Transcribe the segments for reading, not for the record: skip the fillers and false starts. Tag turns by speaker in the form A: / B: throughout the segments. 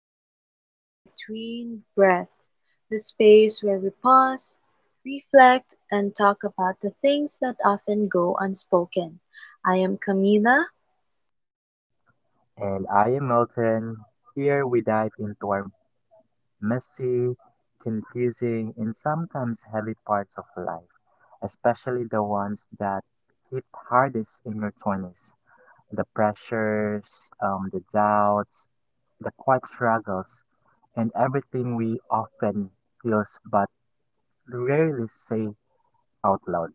A: and welcome to Between Breaths, the space where we pause, reflect, and talk about the things that often go unspoken. I am Camila.
B: And I am Milton. Here we dive into our messy, confusing, and sometimes heavy parts of life, especially the ones that hit hardest in your 20s. The pressures, the doubts, the quiet struggles, and everything we often feel but rarely say out loud.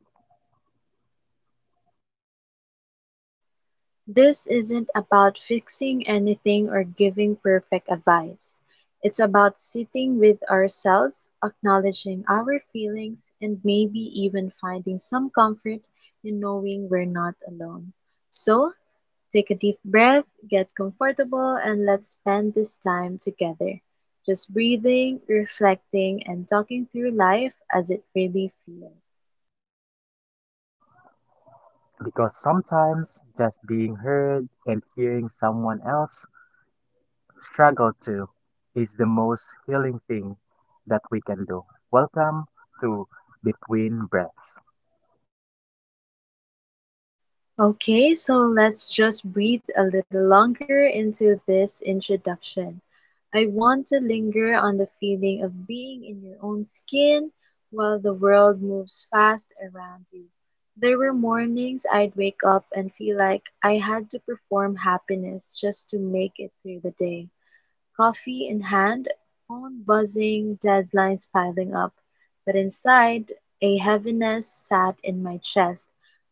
A: This isn't about fixing anything or giving perfect advice. It's about sitting with ourselves, acknowledging our feelings, and maybe even finding some comfort in knowing we're not alone. So, take a deep breath, get comfortable, and let's spend this time together. Just breathing, reflecting, and talking through life as it really feels.
B: Because sometimes just being heard and hearing someone else struggle to is the most healing thing that we can do. Welcome to Between Breaths.
A: Okay, so let's just breathe a little longer into this introduction. I want to linger on the feeling of being in your own skin while the world moves fast around you. There were mornings I'd wake up and feel like I had to perform happiness just to make it through the day. Coffee in hand, phone buzzing, deadlines piling up, but inside, a heaviness sat in my chest,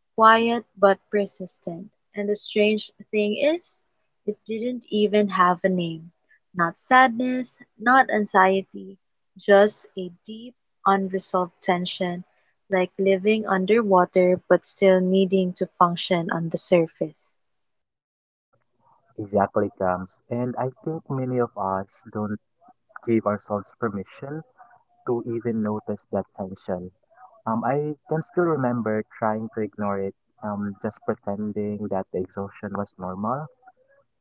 A: quiet but persistent. And the strange thing is, it didn't even have a name. Not sadness, not anxiety, just a deep, unresolved tension, like living underwater but still needing to function on the surface.
B: Exactly comes, and I think many of us don't give ourselves permission to even notice that tension. I can still remember trying to ignore it, just pretending that the exhaustion was normal,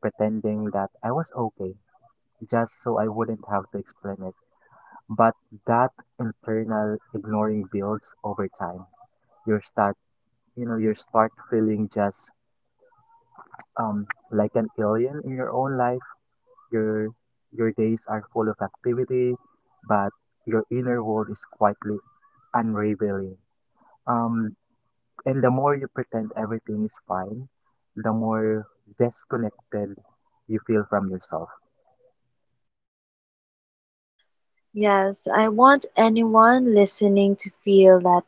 B: pretending that I was okay, just so I wouldn't have to explain it. But that internal ignoring builds over time. you start you start feeling just um like an alien in your own life. Your days are full of activity, but your inner world is quietly unraveling. um and the more you pretend everything is fine, the more disconnected you feel from yourself.
A: Yes, I want anyone listening to feel that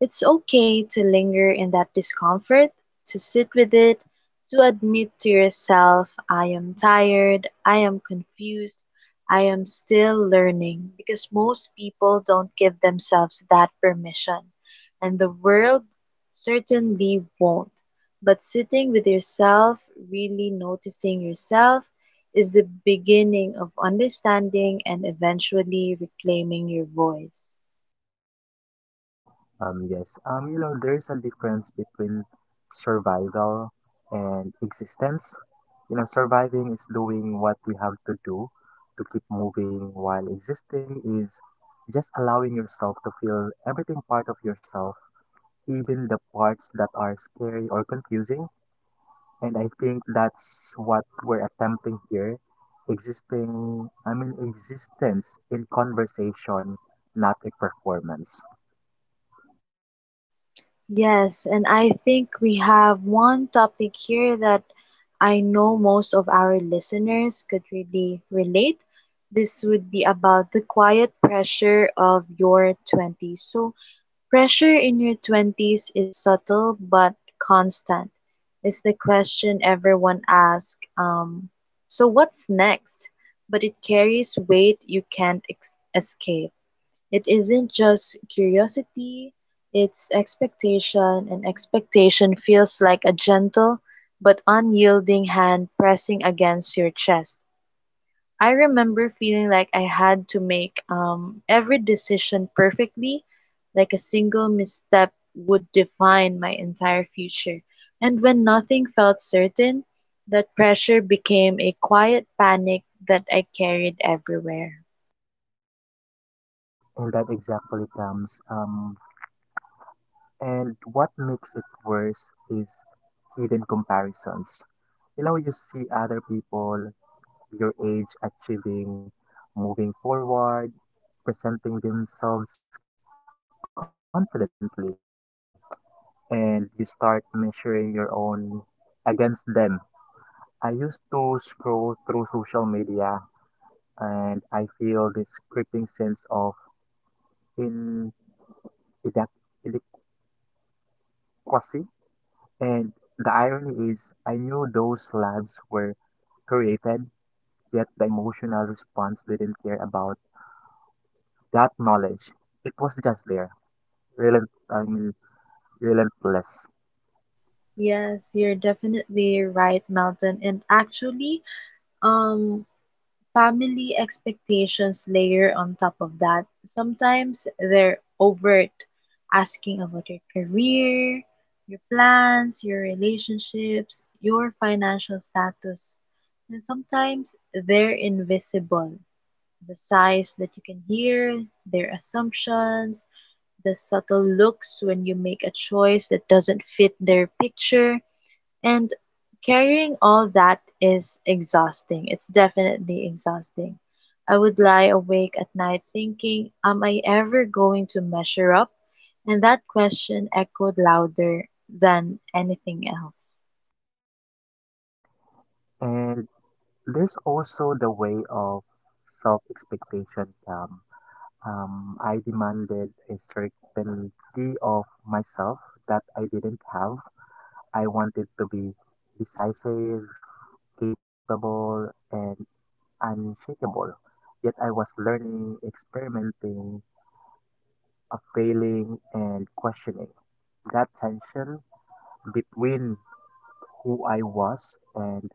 A: it's okay to linger in that discomfort, to sit with it, to admit to yourself, I am tired, I am confused, I am still learning, because most people don't give themselves that permission, and the world certainly won't. But sitting with yourself, really noticing yourself, is the beginning of understanding and eventually reclaiming your voice.
B: Yes. You know, there's a difference between survival and existence. You know, surviving is doing what we have to do to keep moving, while existing is just allowing yourself to feel everything part of yourself, even the parts that are scary or confusing. And I think that's what we're attempting here. Existing, I mean, existence in conversation, not a performance.
A: Yes, and I think we have one topic here that I know most of our listeners could really relate. This would be about the quiet pressure of your twenties. So, pressure in your twenties is subtle but constant. It's the question everyone asks, so what's next? But it carries weight you can't escape. It isn't just curiosity, it's expectation, and expectation feels like a gentle but unyielding hand pressing against your chest. I remember feeling like I had to make every decision perfectly, like a single misstep would define my entire future. And when nothing felt certain, that pressure became a quiet panic that I carried everywhere.
B: And that exactly comes. And what makes it worse is hidden comparisons. You know, you see other people your age achieving, moving forward, presenting themselves confidently, and you start measuring your own against them. I used to scroll through social media and I feel this creeping sense of in inadequacy. And the irony is, I knew those lives were created, yet the emotional response didn't care about that knowledge. It was just there, relent- I mean, relentless.
A: Yes, you're definitely right, Melton. And actually, um, family expectations layer on top of that. Sometimes they're overt, asking about your career, your plans, your relationships, your financial status. And sometimes they're invisible. The sighs that you can hear, their assumptions, the subtle looks when you make a choice that doesn't fit their picture. And carrying all that is exhausting. It's definitely exhausting. I would lie awake at night thinking, am I ever going to measure up? And that question echoed louder than anything else.
B: And there's also the way of self-expectation. I demanded a certainty of myself that I didn't have. I wanted to be decisive, capable, and unshakable. Yet I was learning, experimenting, failing, and questioning. That tension between who I was and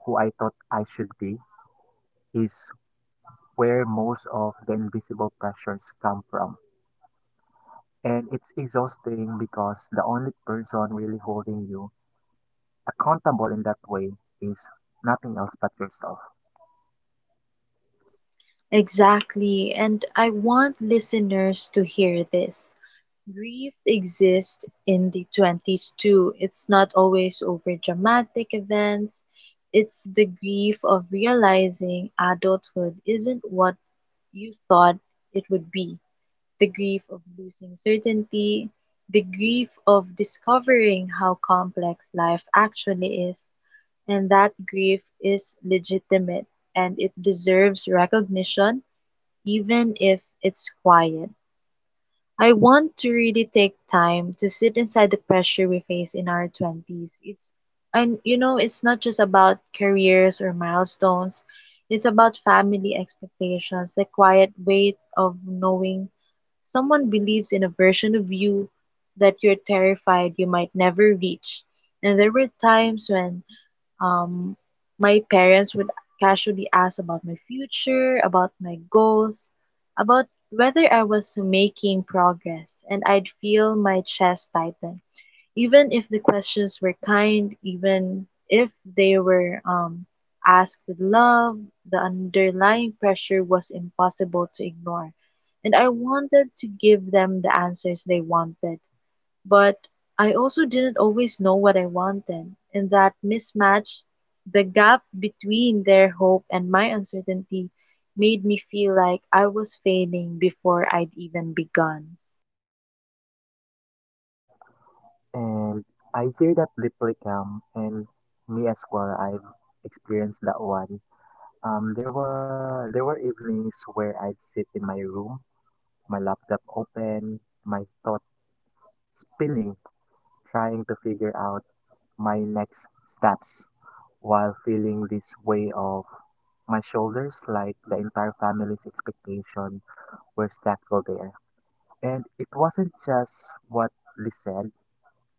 B: who I thought I should be is where most of the invisible pressures come from. And it's exhausting because the only person really holding you accountable in that way is nothing else but yourself.
A: Exactly. And I want listeners to hear this. Grief exists in the twenties too. It's not always over dramatic events. It's the grief of realizing adulthood isn't what you thought it would be. The grief of losing certainty. The grief of discovering how complex life actually is. And that grief is legitimate and it deserves recognition, even if it's quiet. I want to really take time to sit inside the pressure we face in our twenties. It's, and you know, it's not just about careers or milestones. It's about family expectations, the quiet weight of knowing someone believes in a version of you that you're terrified you might never reach. And there were times when um, my parents would casually ask about my future, about my goals, about whether I was making progress, and I'd feel my chest tighten. Even if the questions were kind, even if they were asked with love, the underlying pressure was impossible to ignore. And I wanted to give them the answers they wanted but I also didn't always know what I wanted, and that mismatch, the gap between their hope and my uncertainty, made me feel like I was failing before I'd even begun.
B: And I hear that deeply, calm, and me as well. I've experienced that one. There were evenings where I'd sit in my room, my laptop open, my thought spinning, trying to figure out my next steps, while feeling this way of my shoulders like the entire family's expectation were stacked there. And it wasn't just what they said;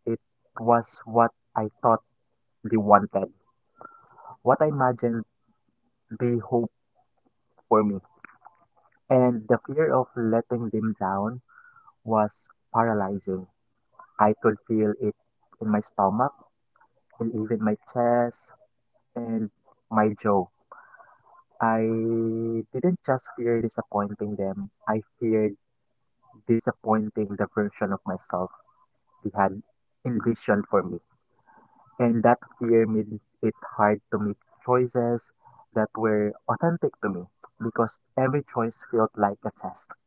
B: it was what I thought they wanted, what I imagined they hoped for me. And the fear of letting them down was paralyzing. I could feel it in my stomach and even my chest and my jaw. I didn't just fear disappointing them, I feared disappointing the version of myself they had envisioned for me. And that fear made it hard to make choices that were authentic to me because every choice felt like a test.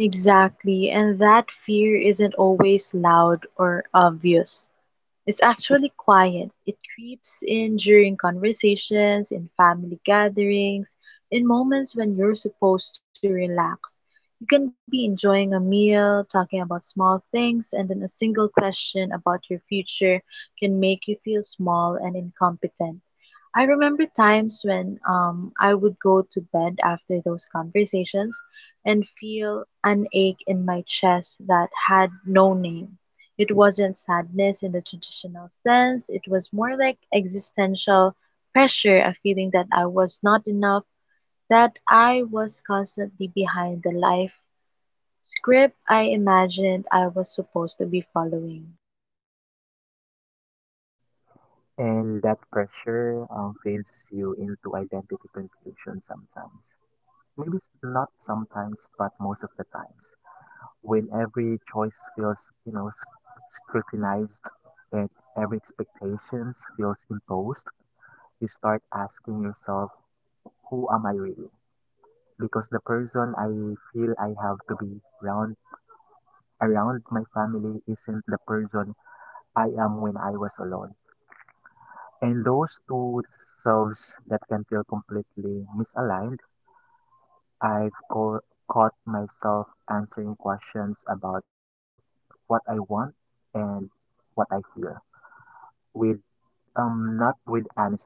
A: Exactly, and that fear isn't always loud or obvious. It's actually quiet. It creeps in during conversations, in family gatherings, in moments when you're supposed to relax. You can be enjoying a meal, talking about small things, and then a single question about your future can make you feel small and incompetent. I remember times when I would go to bed after those conversations and feel an ache in my chest that had no name. It wasn't sadness in the traditional sense, it was more like existential pressure, a feeling that I was not enough, that I was constantly behind the life script I imagined I was supposed to be following.
B: And that pressure fades you into identity confusion sometimes. Maybe not sometimes, but most of the times. When every choice feels, you know, scrutinized and every expectations feels imposed, you start asking yourself, who am I really? Because the person I feel I have to be around my family isn't the person I am when I was alone. And those two selves that can feel completely misaligned, I've co- caught myself answering questions about what I want and what I feel with not with honestly,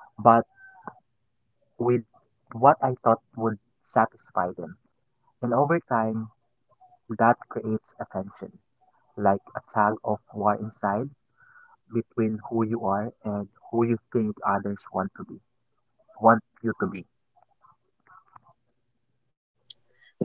B: but with what I thought would satisfy them. And over time, that creates a tension, like a tug of war inside between who you are and who you think others want to be, want you to be.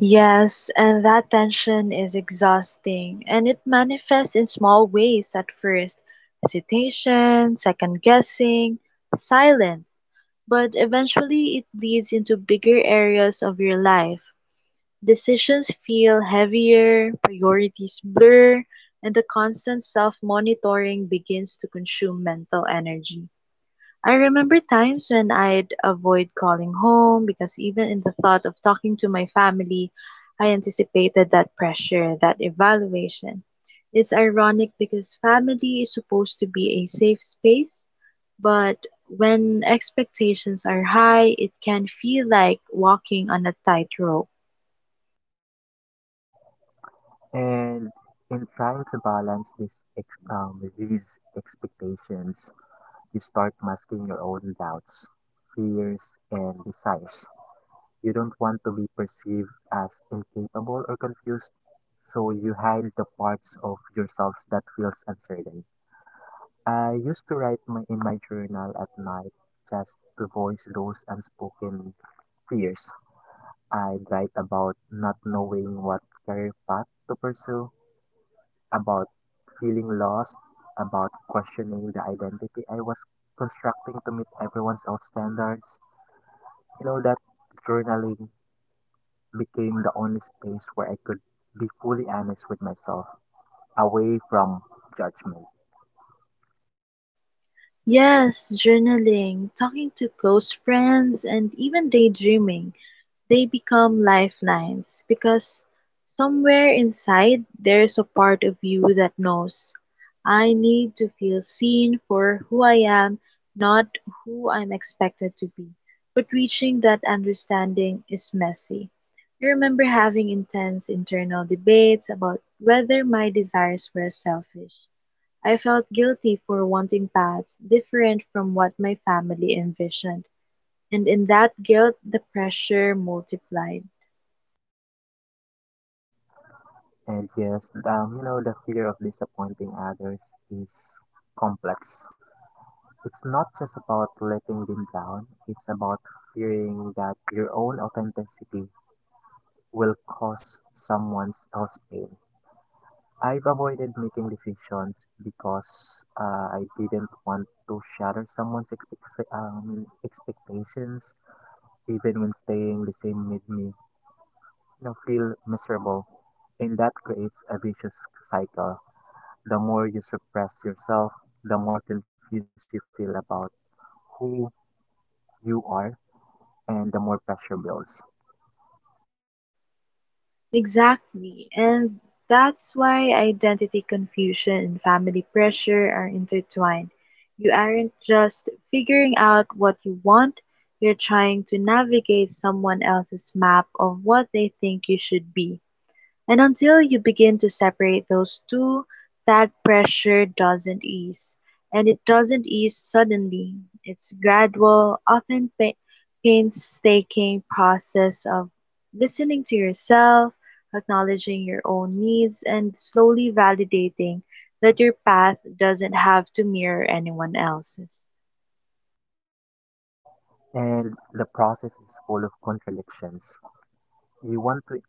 A: Yes, and that tension is exhausting, and it manifests in small ways at first: hesitation, second guessing, silence. But eventually, it bleeds into bigger areas of your life. Decisions feel heavier, priorities blur, and the constant self-monitoring begins to consume mental energy. I remember times when I'd avoid calling home because even in the thought of talking to my family, I anticipated that pressure, that evaluation. It's ironic because family is supposed to be a safe space, but when expectations are high, it can feel like walking on a tightrope.
B: And in trying to balance these expectations, you start masking your own doubts, fears, and desires. You don't want to be perceived as incapable or confused, so you hide the parts of yourselves that feels uncertain. I used to write in my journal at night just to voice those unspoken fears. I'd write about not knowing what career path to pursue, about feeling lost, about questioning the identity I was constructing to meet everyone's own standards. You know, that journaling became the only space where I could be fully honest with myself, away from judgment.
A: Yes, journaling, talking to close friends, and even daydreaming, they become lifelines because somewhere inside there's a part of you that knows I need to feel seen for who I am, not who I'm expected to be. But reaching that understanding is messy. I remember having intense internal debates about whether my desires were selfish. I felt guilty for wanting paths different from what my family envisioned, and in that guilt the pressure multiplied.
B: And yes, you know, the fear of disappointing others is complex. It's not just about letting them down, it's about fearing that your own authenticity will cause someone else pain. I've avoided making decisions because I didn't want to shatter expectations, even when staying the same made me, feel miserable. And that creates a vicious cycle. The more you suppress yourself, the more confused you feel about who you are, and the more pressure builds.
A: Exactly, and that's why identity confusion and family pressure are intertwined. You aren't just figuring out what you want, you're trying to navigate someone else's map of what they think you should be. And until you begin to separate those two, that pressure doesn't ease. And it doesn't ease suddenly. It's gradual, often painstaking process of listening to yourself, acknowledging your own needs, and slowly validating that your path doesn't have to mirror anyone else's.
B: And the process is full of contradictions. You want to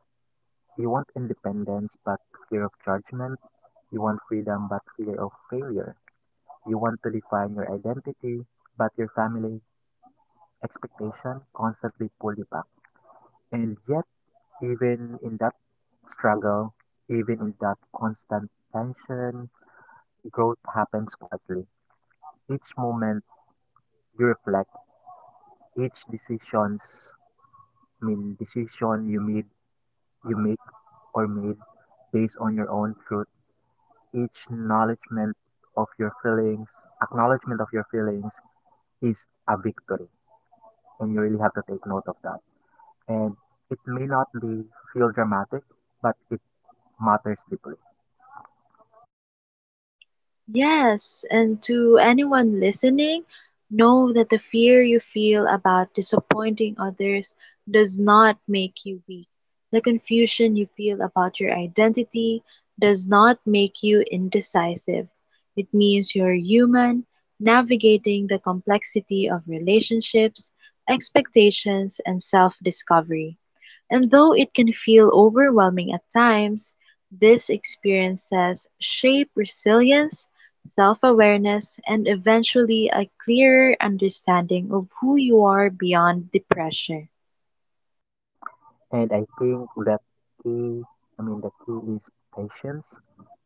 B: You want independence but fear of judgment. You want freedom but fear of failure. You want to define your identity, but your family expectation constantly pull you back. And yet, even in that struggle, even in that constant tension, growth happens quietly. Each moment you reflect, each decisions, I mean decision you made, you make or made based on your own truth, each acknowledgement of your feelings, acknowledgement of your feelings is a victory, and you really have to take note of that. And it may not be feel dramatic, but it matters deeply.
A: Yes, and to anyone listening, know that the fear you feel about disappointing others does not make you weak. The confusion you feel about your identity does not make you indecisive. It means you're human, navigating the complexity of relationships, expectations, and self discovery. And though it can feel overwhelming at times, these experiences shape resilience, self awareness, and eventually a clearer understanding of who you are beyond the pressure.
B: And I think that key, the key is patience,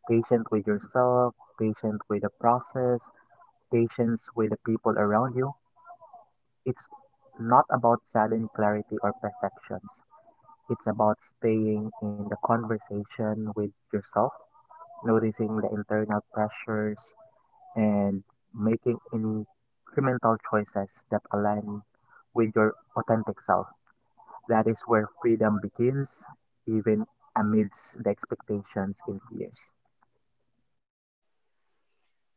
B: patient with yourself, patient with the process, patience with the people around you. It's not about sudden clarity or perfections. It's about staying in the conversation with yourself, noticing the internal pressures, and making incremental choices that align with your authentic self. That is where freedom begins, even amidst the expectations and fears.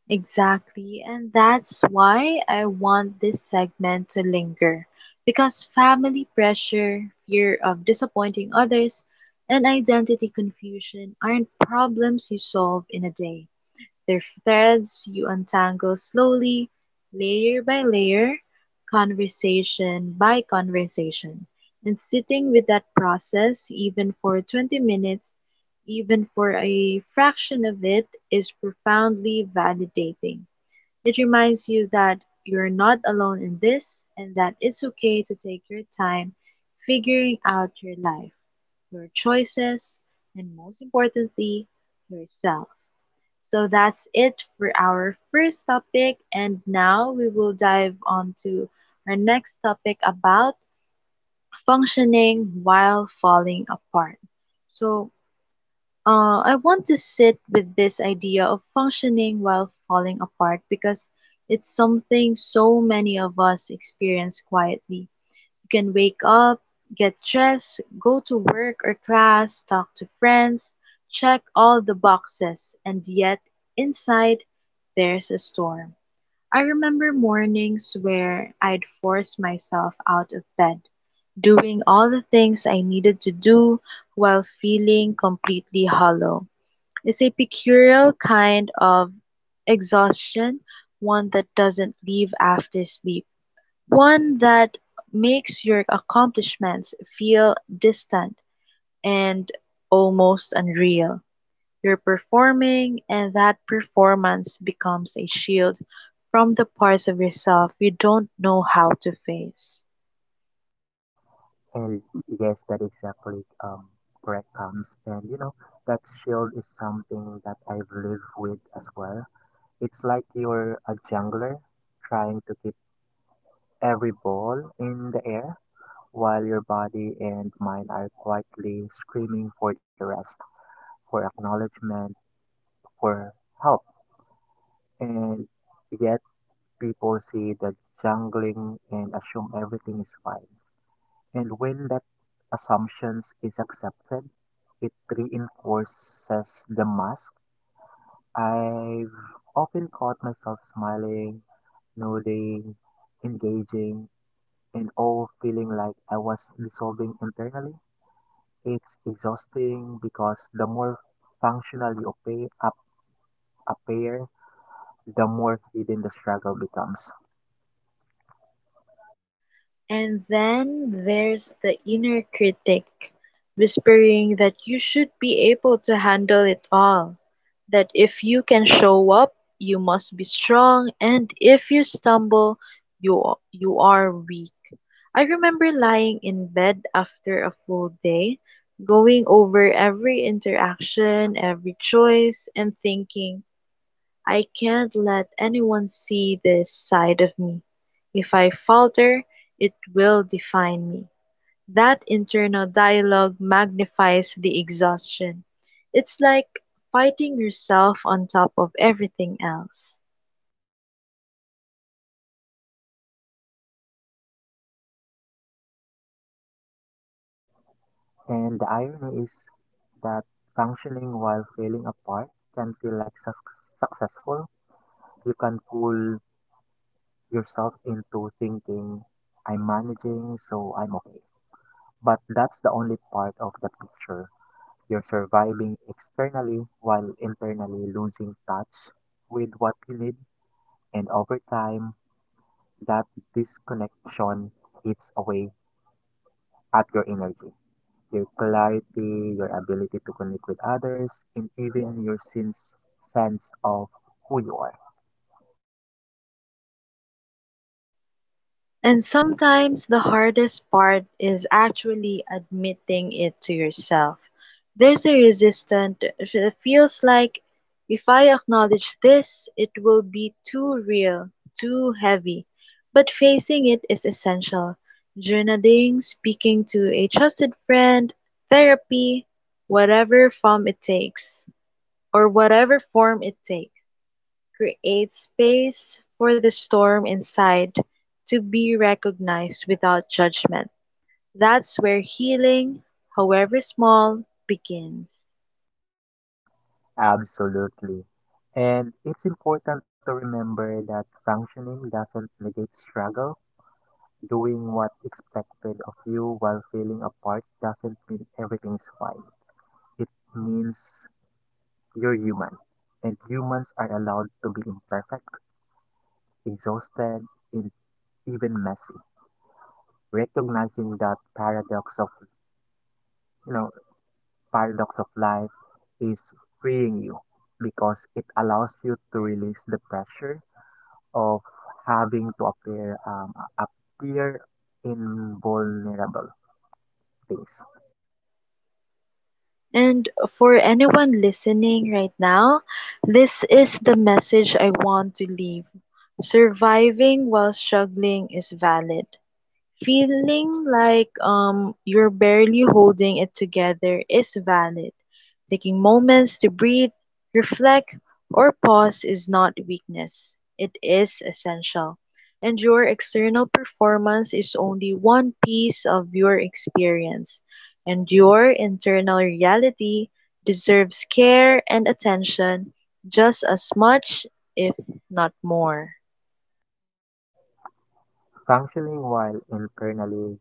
A: Exactly, and that's why I want this segment to linger. Because family pressure, fear of disappointing others, and identity confusion aren't problems you solve in a day. Their threads you untangle slowly, layer by layer, conversation by conversation. And sitting with that process, even for 20 minutes, even for a fraction of it, is profoundly validating. It reminds you that you're not alone in this and that it's okay to take your time figuring out your life, your choices, and most importantly, yourself. So that's it for our first topic, and now we will dive on to our next topic about functioning while falling apart. So, I want to sit with this idea of functioning while falling apart because it's something so many of us experience quietly. You can wake up, get dressed, go to work or class, talk to friends, check all the boxes, and yet inside there's a storm. I remember mornings where I'd force myself out of bed, doing all the things I needed to do while feeling completely hollow. It's a peculiar kind of exhaustion, one that doesn't leave after sleep. One that makes your accomplishments feel distant and almost unreal. You're performing, and that performance becomes a shield from the parts of yourself you don't know how to face.
B: And yes, that exactly correct comes. And you know, that shield is something that I've lived with as well. It's like you're a jungler trying to keep every ball in the air while your body and mind are quietly screaming for the rest, for acknowledgement, for help. And yet people see the jungling and assume everything is fine. And when that assumptions is accepted, it reinforces the mask. I've often caught myself smiling, nodding, engaging, and all feeling like I was dissolving internally. It's exhausting because the more functional you appear, the more hidden the struggle becomes.
A: And then there's the inner critic whispering that you should be able to handle it all, that if you can show up, you must be strong, and if you stumble, you are weak. I remember lying in bed after a full day, going over every interaction, every choice, and thinking, I can't let anyone see this side of me. If I falter, it will define me. That internal dialogue magnifies the exhaustion. It's like fighting yourself on top of everything else.
B: And the irony is that functioning while feeling apart can feel like successful. You can fool yourself into thinking, I'm managing, so I'm okay. But that's the only part of the picture. You're surviving externally while internally losing touch with what you need, and over time, that disconnection eats away at your energy, your clarity, your ability to connect with others, and even your sense of who you are.
A: And sometimes the hardest part is actually admitting it to yourself. There's a resistance that feels like, if I acknowledge this, it will be too real, too heavy. But facing it is essential. Journaling, speaking to a trusted friend, therapy, whatever form it takes whatever form it takes, create space for the storm inside to be recognized without judgment. That's where healing, however small, begins.
B: Absolutely. And it's important to remember that functioning doesn't negate struggle. Doing what expected of you while feeling apart doesn't mean everything's fine. It means you're human, and humans are allowed to be imperfect, exhausted, and even messy. Recognizing that you know paradox of life is freeing you because it allows you to release the pressure of having to appear invulnerable things.
A: And for anyone listening right now, this is the message I want to leave. Surviving while struggling is valid. Feeling like you're barely holding it together is valid. Taking moments to breathe, reflect, or pause is not weakness. It is essential. And your external performance is only one piece of your experience. And your internal reality deserves care and attention just as much, if not more.
B: Functioning while internally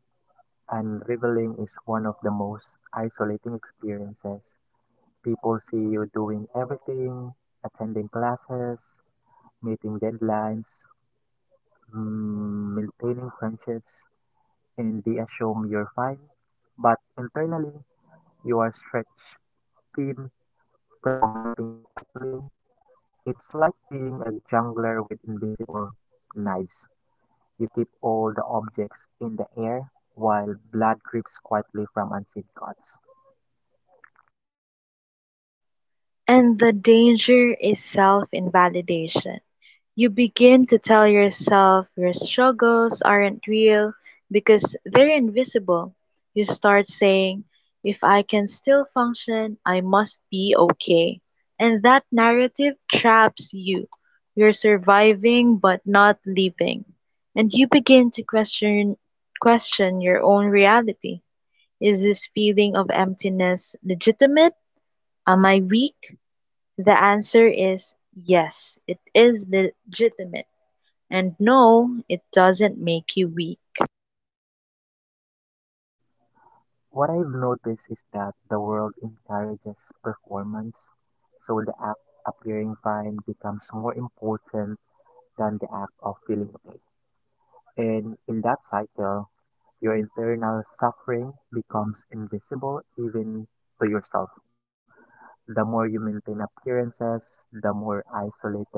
B: unraveling is one of the most isolating experiences. People see you doing everything, attending classes, meeting deadlines, maintaining friendships in the assume you're fine, but internally you are stretched thin, fragmenting quietly. It's like being a jungler with invisible knives. You keep all the objects in the air while blood drips quietly from unseen cuts.
A: And the danger is self invalidation. You begin to tell yourself your struggles aren't real because they're invisible. You start saying, if I can still function, I must be okay. And that narrative traps you. You're surviving but not living. And you begin to question your own reality. Is this feeling of emptiness legitimate? Am I weak? The answer is yes, it is legitimate, and no, it doesn't make you weak.
B: What I've noticed is that the world encourages performance, so the act appearing fine becomes more important than the act of feeling okay. And in that cycle, your internal suffering becomes invisible even to yourself. The more you maintain appearances, the more isolated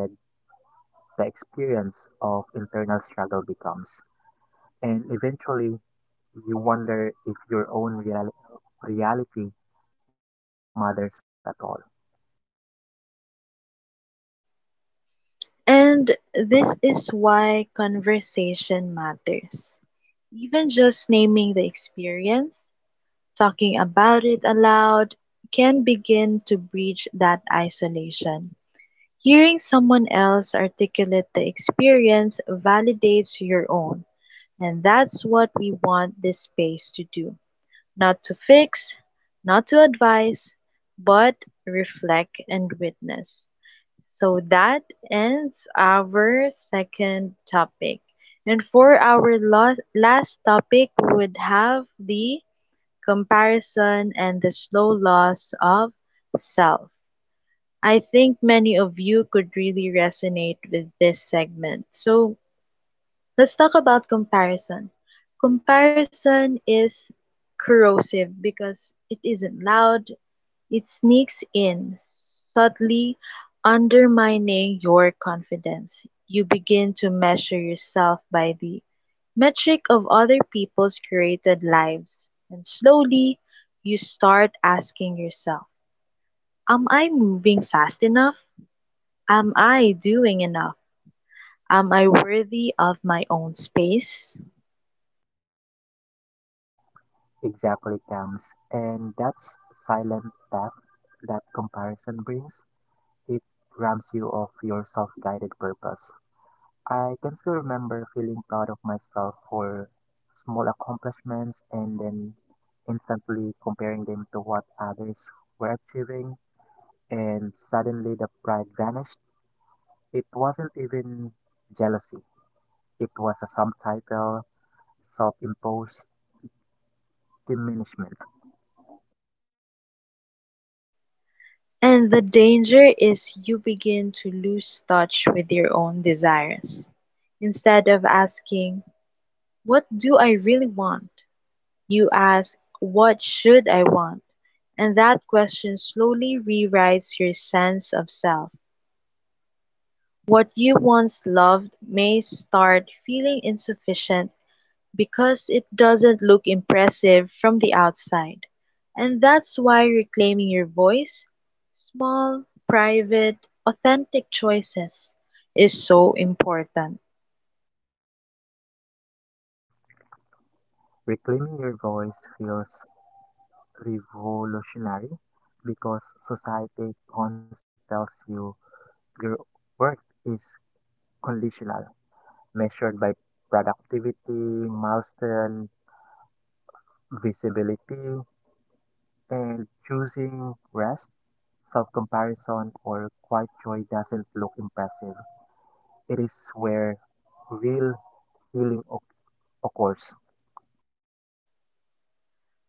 B: the experience of internal struggle becomes. And eventually, you wonder if your own reality matters at all.
A: And this is why conversation matters. Even just naming the experience, talking about it aloud, can begin to breach that isolation. Hearing someone else articulate the experience validates your own. And that's what we want this space to do. Not to fix, not to advise, but reflect and witness. So that ends our second topic. And for our last topic would have the comparison and the slow loss of self. I think many of you could really resonate with this segment. So let's talk about comparison. Comparison is corrosive because it isn't loud, it sneaks in, subtly undermining your confidence. You begin to measure yourself by the metric of other people's created lives, and slowly you start asking yourself, am I moving fast enough? Am I doing enough? Am I worthy of my own space?
B: Exactly, comes, and that's silent death that comparison brings. It robs you of your self guided purpose. I can still remember feeling proud of myself for small accomplishments and then instantly comparing them to what others were achieving, and suddenly the pride vanished. It wasn't even jealousy, it was a subtitle, self imposed diminishment.
A: And the danger is you begin to lose touch with your own desires. Instead of asking, what do I really want? You ask, what should I want? And that question slowly rewrites your sense of self. What you once loved may start feeling insufficient because it doesn't look impressive from the outside. And that's why reclaiming your voice, small, private, authentic choices, is so important.
B: Reclaiming your voice feels revolutionary because society constantly tells you your worth is conditional, measured by productivity, milestone, visibility, and choosing rest, self comparison, or quiet joy doesn't look impressive. It is where real healing occurs.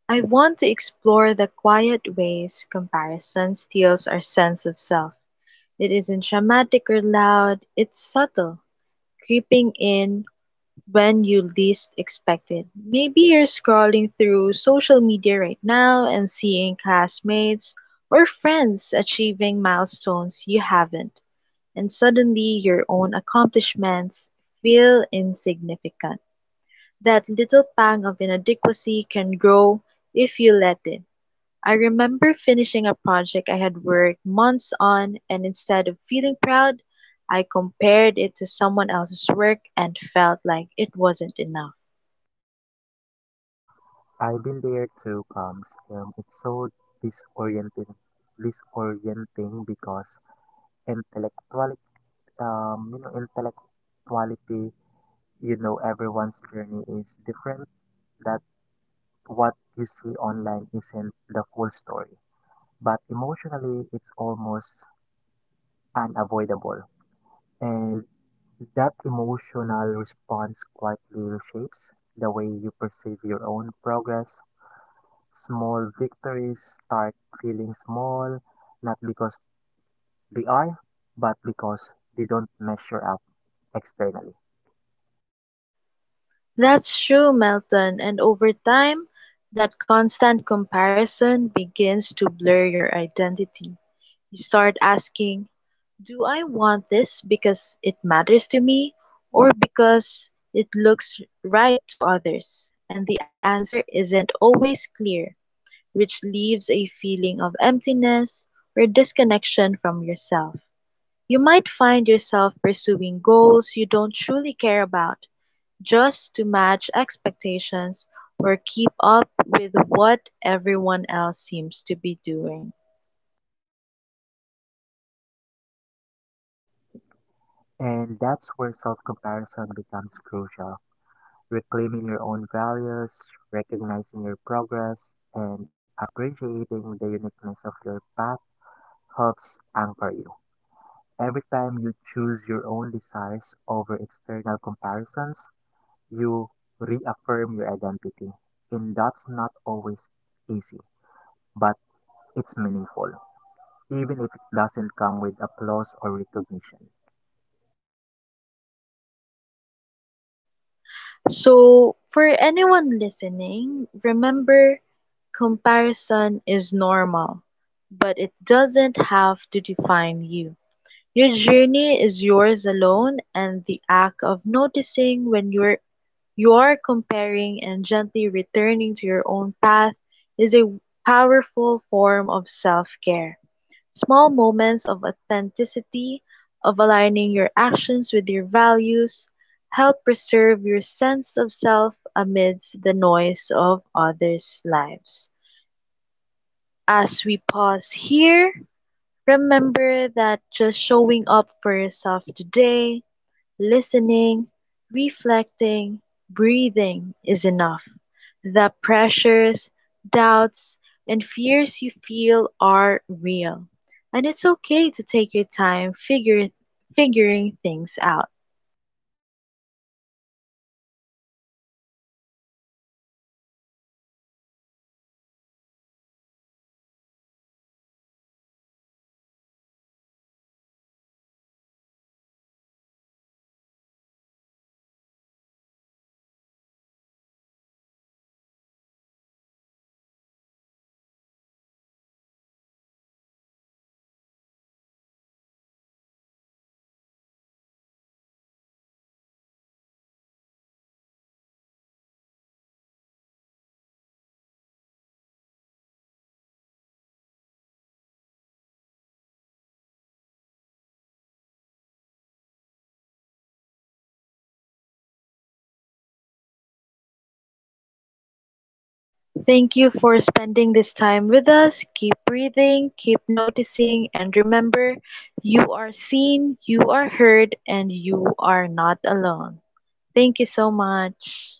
A: I want to explore the quiet ways comparison steals our sense of self. It isn't dramatic or loud, it's subtle, creeping in when you least expect it. Maybe you're scrolling through social media right now and seeing classmates or friends achieving milestones you haven't, and suddenly your own accomplishments feel insignificant. That little pang of inadequacy can grow if you let it. I remember finishing a project I had worked months on, and instead of feeling proud, I compared it to someone else's work and felt like it wasn't enough.
B: I've been there too, comes. It's so disorienting, disorienting because intellectual, intellectuality, you know, everyone's journey is different. That what you see online isn't the full story, but emotionally it's almost unavoidable. And that emotional response quietly reshapes the way you perceive your own progress. Small victories start feeling small, not because they are, but because they don't measure up externally.
A: That's true, Melton, and over time, that constant comparison begins to blur your identity. You start asking, do I want this because it matters to me or because it looks right to others? And the answer isn't always clear, which leaves a feeling of emptiness or disconnection from yourself. You might find yourself pursuing goals you don't truly care about just to match expectations or keep up with what everyone else seems to be doing.
B: And that's where self comparison becomes crucial, reclaiming your own values, recognizing your progress, and appreciating the uniqueness of your path helps anchor you. Every time you choose your own desires over external comparisons, you reaffirm your identity. And that's not always easy, but it's meaningful, even if it doesn't come with applause or recognition.
A: So, for anyone listening, remember, comparison is normal, but it doesn't have to define you. Your journey is yours alone, and the act of noticing when you're comparing and gently returning to your own path is a powerful form of self-care. Small moments of authenticity, of aligning your actions with your values, help preserve your sense of self amidst the noise of others' lives. As we pause here, remember that just showing up for yourself today, listening, reflecting, breathing, is enough. The pressures, doubts, and fears you feel are real. And it's okay to take your time figuring things out. Thank you for spending this time with us. Keep breathing, keep noticing, and remember, you are seen, you are heard, and you are not alone. Thank you so much.